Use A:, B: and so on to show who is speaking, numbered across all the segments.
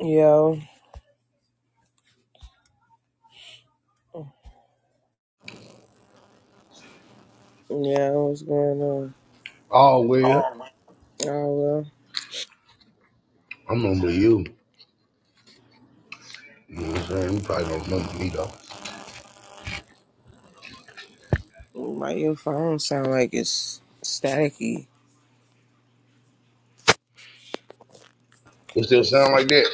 A: Yo, yeah, what's going on?
B: Oh well,
A: Oh
B: I remember you. You know what I'm saying? You probably don't remember me though.
A: well, my your phone sound like it's staticky?
B: It still sound like that.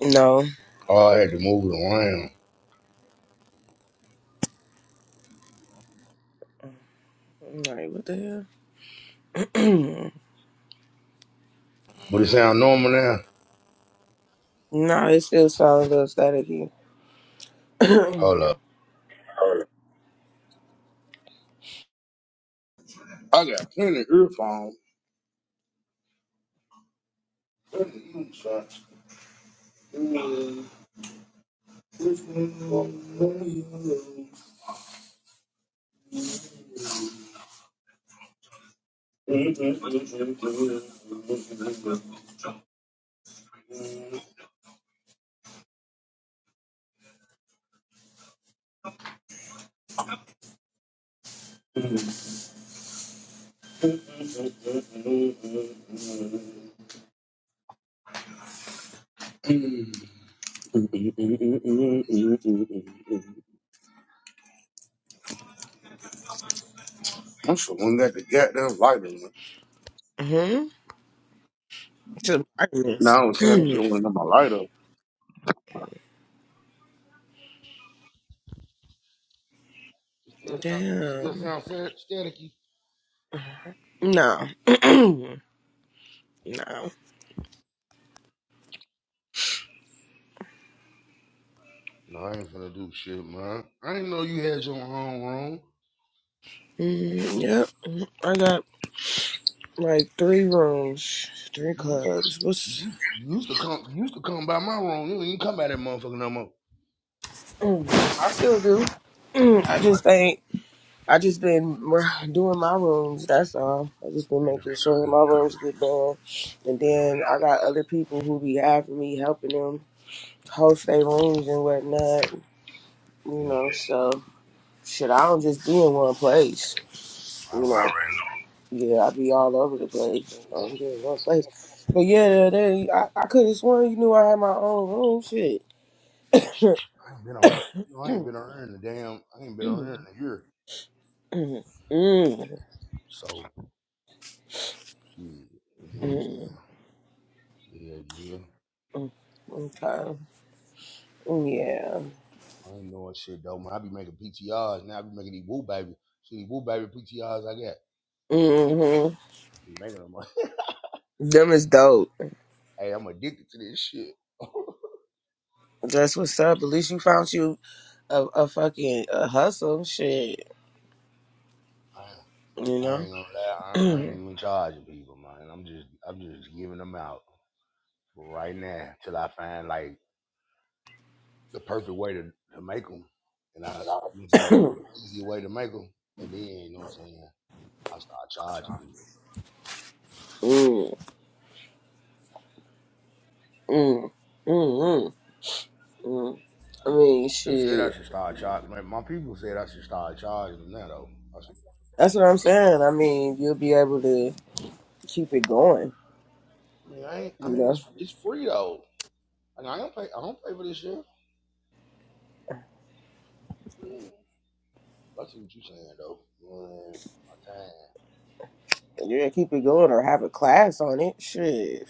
A: No,
B: Oh, I had to move it around.
A: I'm like what the hell?
B: But it sound normal now.
A: no, it still sounds a little staticky.
B: Hold up. I got plenty of earphones. So- I should went got the goddamn lighter.
A: hmm To my
B: No,
A: ears.
B: I was saying I should have went got my lighter. Still sound, still
A: Damn.
B: sound sta- staticky.
A: No. no.
B: No, I ain't finna do shit, man. I didn't know you had your own
A: Mm, yep. I got like three rooms, three
B: room.
A: clubs.
B: Yeah.
A: What's
B: You used to come you used to come by my room. You ain't even come by that motherfucker no more.
A: I still do.
B: Oh,
A: I
B: yeah.
A: just ain't. I just been doing my rooms. That's all. I just been
B: I know.
A: making sure
B: I know
A: my rooms
B: Ramos.
A: get done, and
B: I
A: then
B: know.
A: I got other people who be having me helping them host their rooms and whatnot. You know, so shit, I don't just be in one place.
B: Yeah.
A: You
B: I
A: know, All
B: already
A: right.
B: know.
A: yeah, I be all over the place. I don't be in one place. But yeah, they, I, I could have sworn you knew I had my own room. Shit.
B: Shit, I ain't been on her. You know, I ain't been on her in a damn I ain't been on her in a year.
A: mm, mm,
B: So shit, you know what I'm saying?
A: mm,
B: Yeah, yeah.
A: mm. Okay. Yeah.
B: I ain't knowing shit though, man. I be making PTRs now. I be making these woo baby. See these woo baby PTRs I got. I be,
A: Mm-hmm.
B: be making them.
A: Them is dope.
B: hey, I'm addicted to this shit. I
A: That's what's up. At least you found you a, a fucking a hustle. Shit,
B: am.
A: you
B: I
A: know.
B: ain't gonna lie. I, I ain't
A: mm,
B: even charging people, man. I'm just, I'm just giving them out for right now till I find like the perfect way to, to make them, and I, you know what I'm saying, the perfect easy way to make them, and then you know what I'm saying, I start charging people.
A: mm, mm, mm, mm. I mean,
B: They said I
A: shit.
B: should start charging. My, my people said I should start charging them now though. I, said,
A: That's what I'm saying. I mean, you'll be able to keep it going.
B: I mean, I ain't, I
A: You
B: mean,
A: know.
B: it's it's free though. Like I don't pay, I don't pay for this shit. Mm. I see what you saying though. Man, my time.
A: Yeah, keep it going or have a class on it. Shit.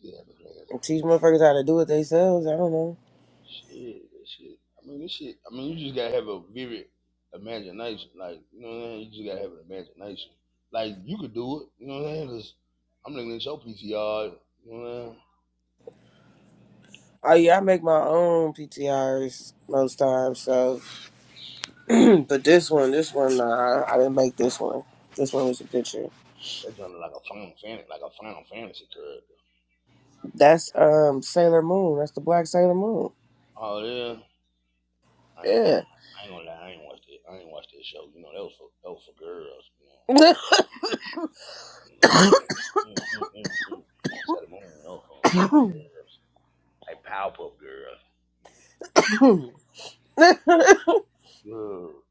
B: Yeah, the class.
A: And teach motherfuckers how to do it themselves. I don't know.
B: Shit, that shit. I mean, this shit. I mean, you just gotta have a vivid imagination. Like, you know what I'm saying? You just gotta have an imagination. Like, you could do it. You know what I'm saying? Cause I'm looking at your PTR. You know what I'm saying?
A: Oh yeah, I make my own PTRs most times. So, but this one, this one, nah, I didn't make this one. This one was a picture.
B: That sounded like a Final Fantasy, like a Final Fantasy character.
A: That's um Sailor Moon. That's the black Sailor Moon.
B: Oh yeah. I ain't, I,
A: Yeah.
B: I ain't gonna lie. I ain't watched it. I ain't watched that show. You know, that was for that was for girls. You know, set up. You know, set them on. That was for for girls. Like Powerpuff Girls. Girl.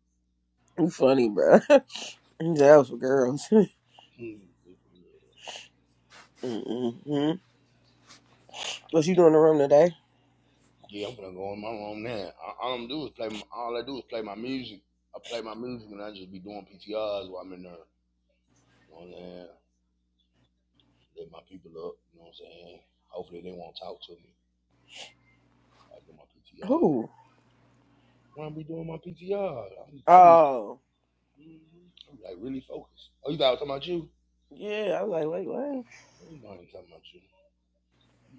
A: you funny, bro. That was for girls.
B: Hmm.
A: hmm What you doing in the room today?
B: Yeah, I'm gonna go in my room now. I- All I'm do is play. My, all I do is play my music. I play my music, and I just be doing PTRs while I'm in there. You know what I'm saying? Let my people up. You know what I'm saying? Hopefully they won't talk to me. I do my PTR.
A: Who?
B: When I be doing my PTR, I be, I be,
A: Oh,
B: Mhm. I be like really focused. Oh, you thought I was talking about you?
A: yeah. I was like, wait, what?
B: You know I ain't talking about you.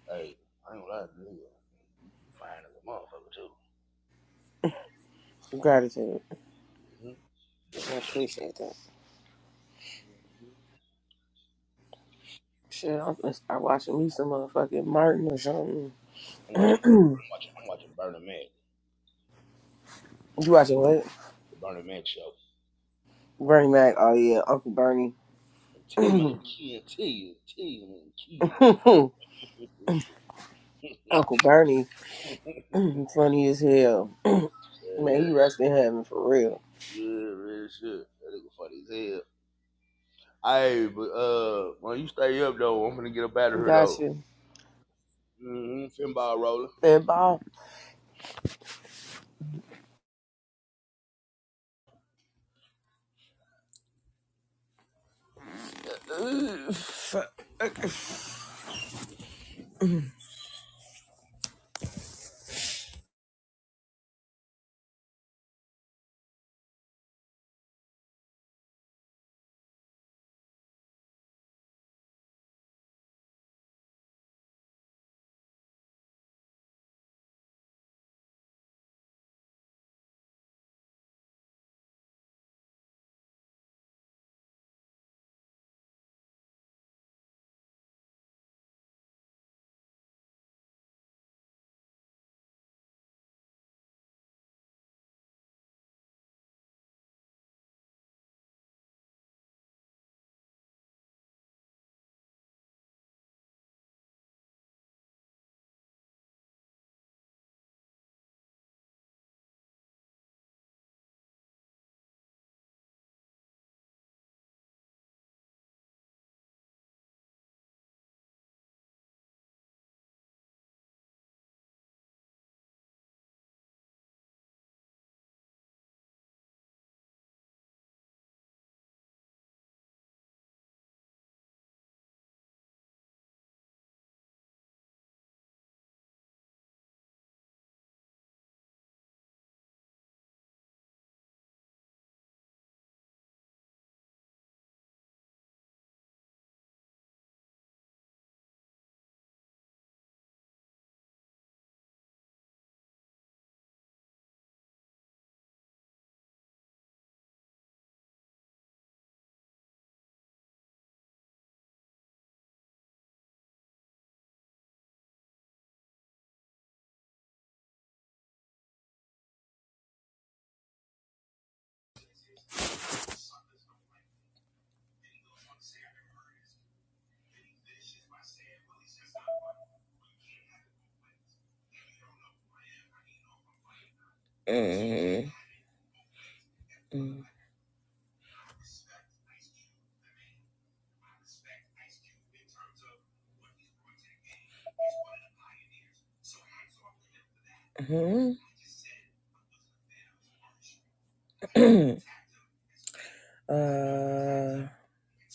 B: Hey, I ain't gonna lie to you. You fine as a motherfucker too.
A: Gratitude.
B: hmm You better
A: I
B: know.
A: appreciate that.
B: i
A: Shit, I'm gonna start watching me some motherfucking Martin or something.
B: I'm watching. I'm watching. I'm watching Burning Man.
A: you watching what?
B: The Bernie Mac Show.
A: Bernie Mac. Oh yeah, Uncle Bernie.
B: And team and key and team, team and key.
A: Uncle Bernie.
B: yeah,
A: funny as hell.
B: yeah,
A: Man, he
B: that-
A: rest in heaven for real.
B: yeah, real shit. That nigga funny as hell. Hey, but uh, when you stay up though, I'm gonna get up out of here
A: Got
B: though.
A: you.
B: Mm-hmm. Finball rolling.
A: And Bob. uh,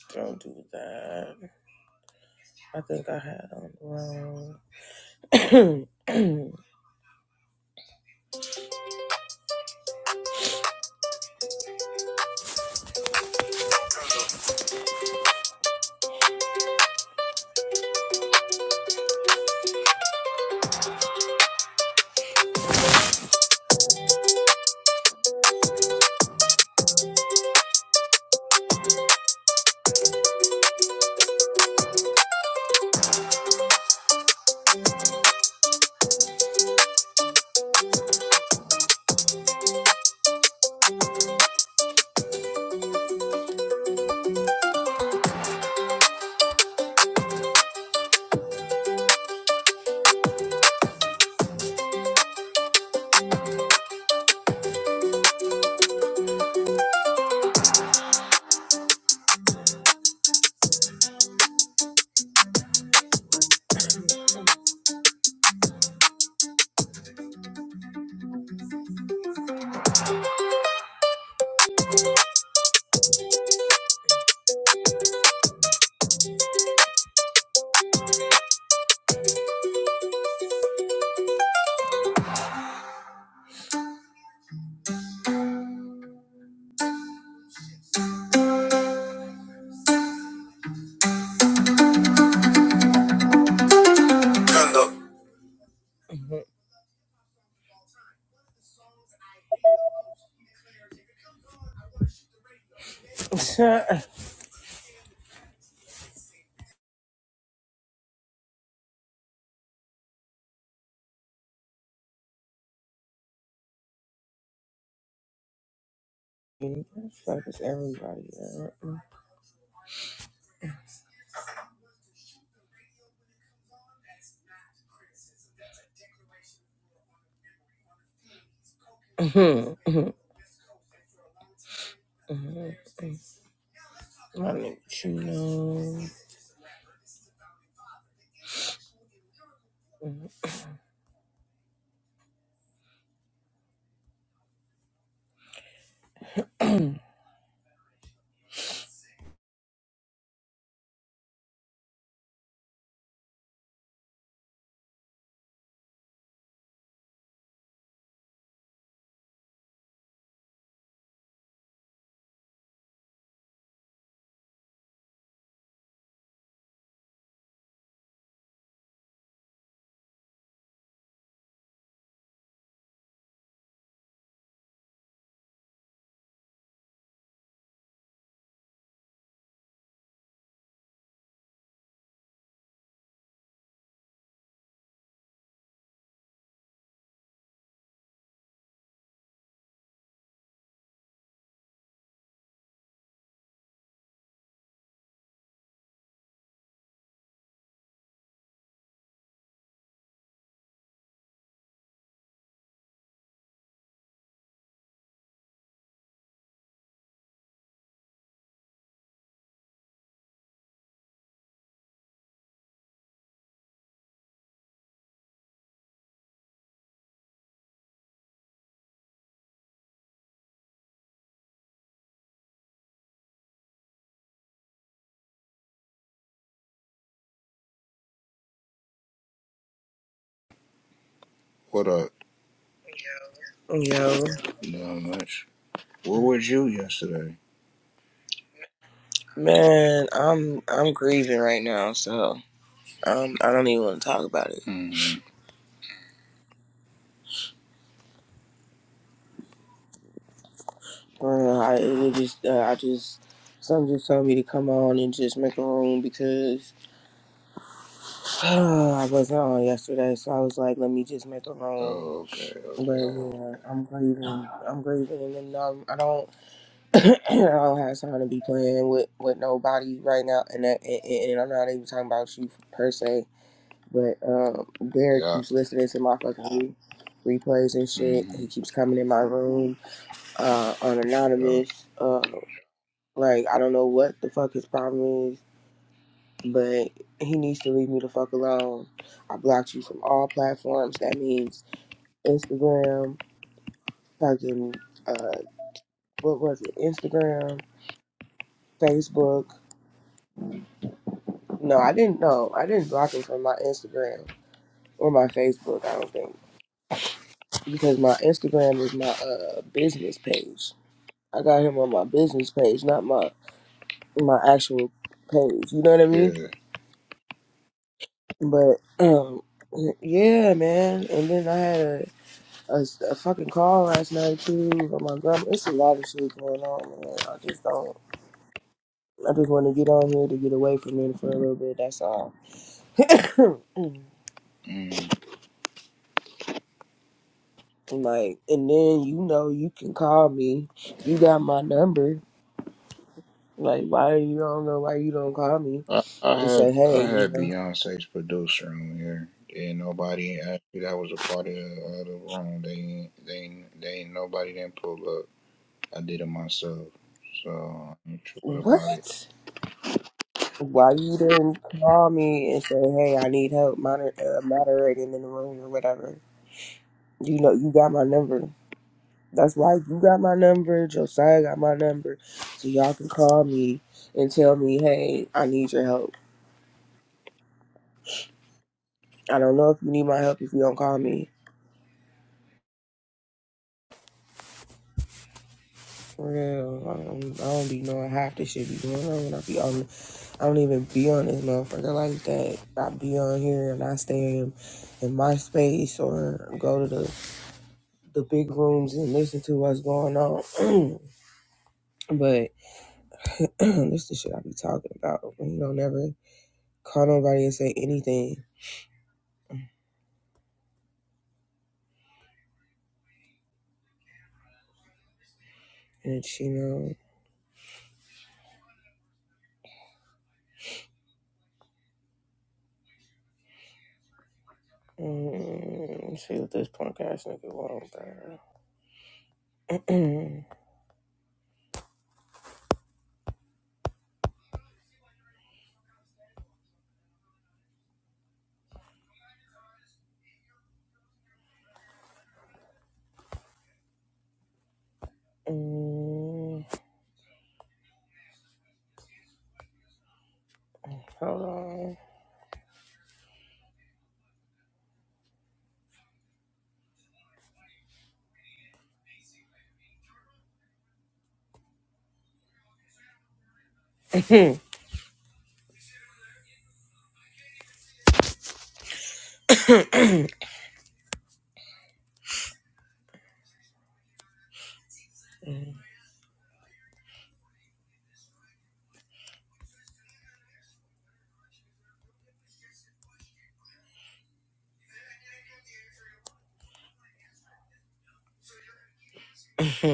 A: don't do that. I think I had on the wrong. Fuck is everybody at? Hmm. Mm-hmm. I need you know.
C: What up?
A: Yo,
C: Not much. Where was you yesterday?
A: man, I'm I'm grieving right now, so um, I don't even want to talk about it.
C: hmm
A: Uh, I it was just uh, I just someone just told me to come on and just make a room because uh, I wasn't on yesterday, so I was like, let me just make a room.
C: Oh, okay,
A: But
C: okay. okay.
A: yeah, I'm grieving. I'm grieving, and I'm, um I don't I don't have time to be playing with with nobody right now, and that, and, and I'm not even talking about you per se. But um, Derek
C: Yeah.
A: keeps listening to my fucking re- replays and shit.
C: hmm
A: He keeps coming in my room uh, on
C: Yeah.
A: anonymous. Uh, like I don't know what the fuck his problem is, but he needs to leave me the fuck alone. I blocked you from all platforms. That means Instagram, fucking uh, what was it? Instagram, Facebook. No, I didn't know. I didn't block him from my Instagram or my Facebook. I don't think because my Instagram is my uh, business page I got him on my business page, not my my actual page. You know what I mean?
C: Yeah.
A: But um, yeah, man. And then I had a a a fucking call last night too from my grandma. It's a lot of shit going on, man. I just don't. I just want to get on here to get away from it for a little bit. That's all.
C: Mm.
A: like, and then you know you can call me. You got my number. Like, why you don't know why you don't call me
C: I, I
A: and
C: had
A: say, hey,
C: I
A: you
C: had
A: know
C: Beyonce's producer on here. And nobody actually. that was a part of the, of the room. They ain't- they ain't- they ain't nobody didn't pull up. I did it myself. So I'm tripping
A: what?
C: about it.
A: Why you didn't call me and say, "Hey, I need help moder- uh, moderating in the room or whatever"? You know, you got my number. That's why you got my number. Josiah got my number, so y'all can call me and tell me, "Hey, I need your help." I don't know if you need my help if you don't call me. For real, I don't, I don't be knowing half this shit be going on when I be on. I don't even be on this motherfucker like that. I be on here and I stay in, in my space or go to the the big rooms and listen to what's going on. but this is the shit I be talking about. You know, never call nobody and say anything. And she know. Mm, let's see what this punk ass nigga want, bro. mm, hold on.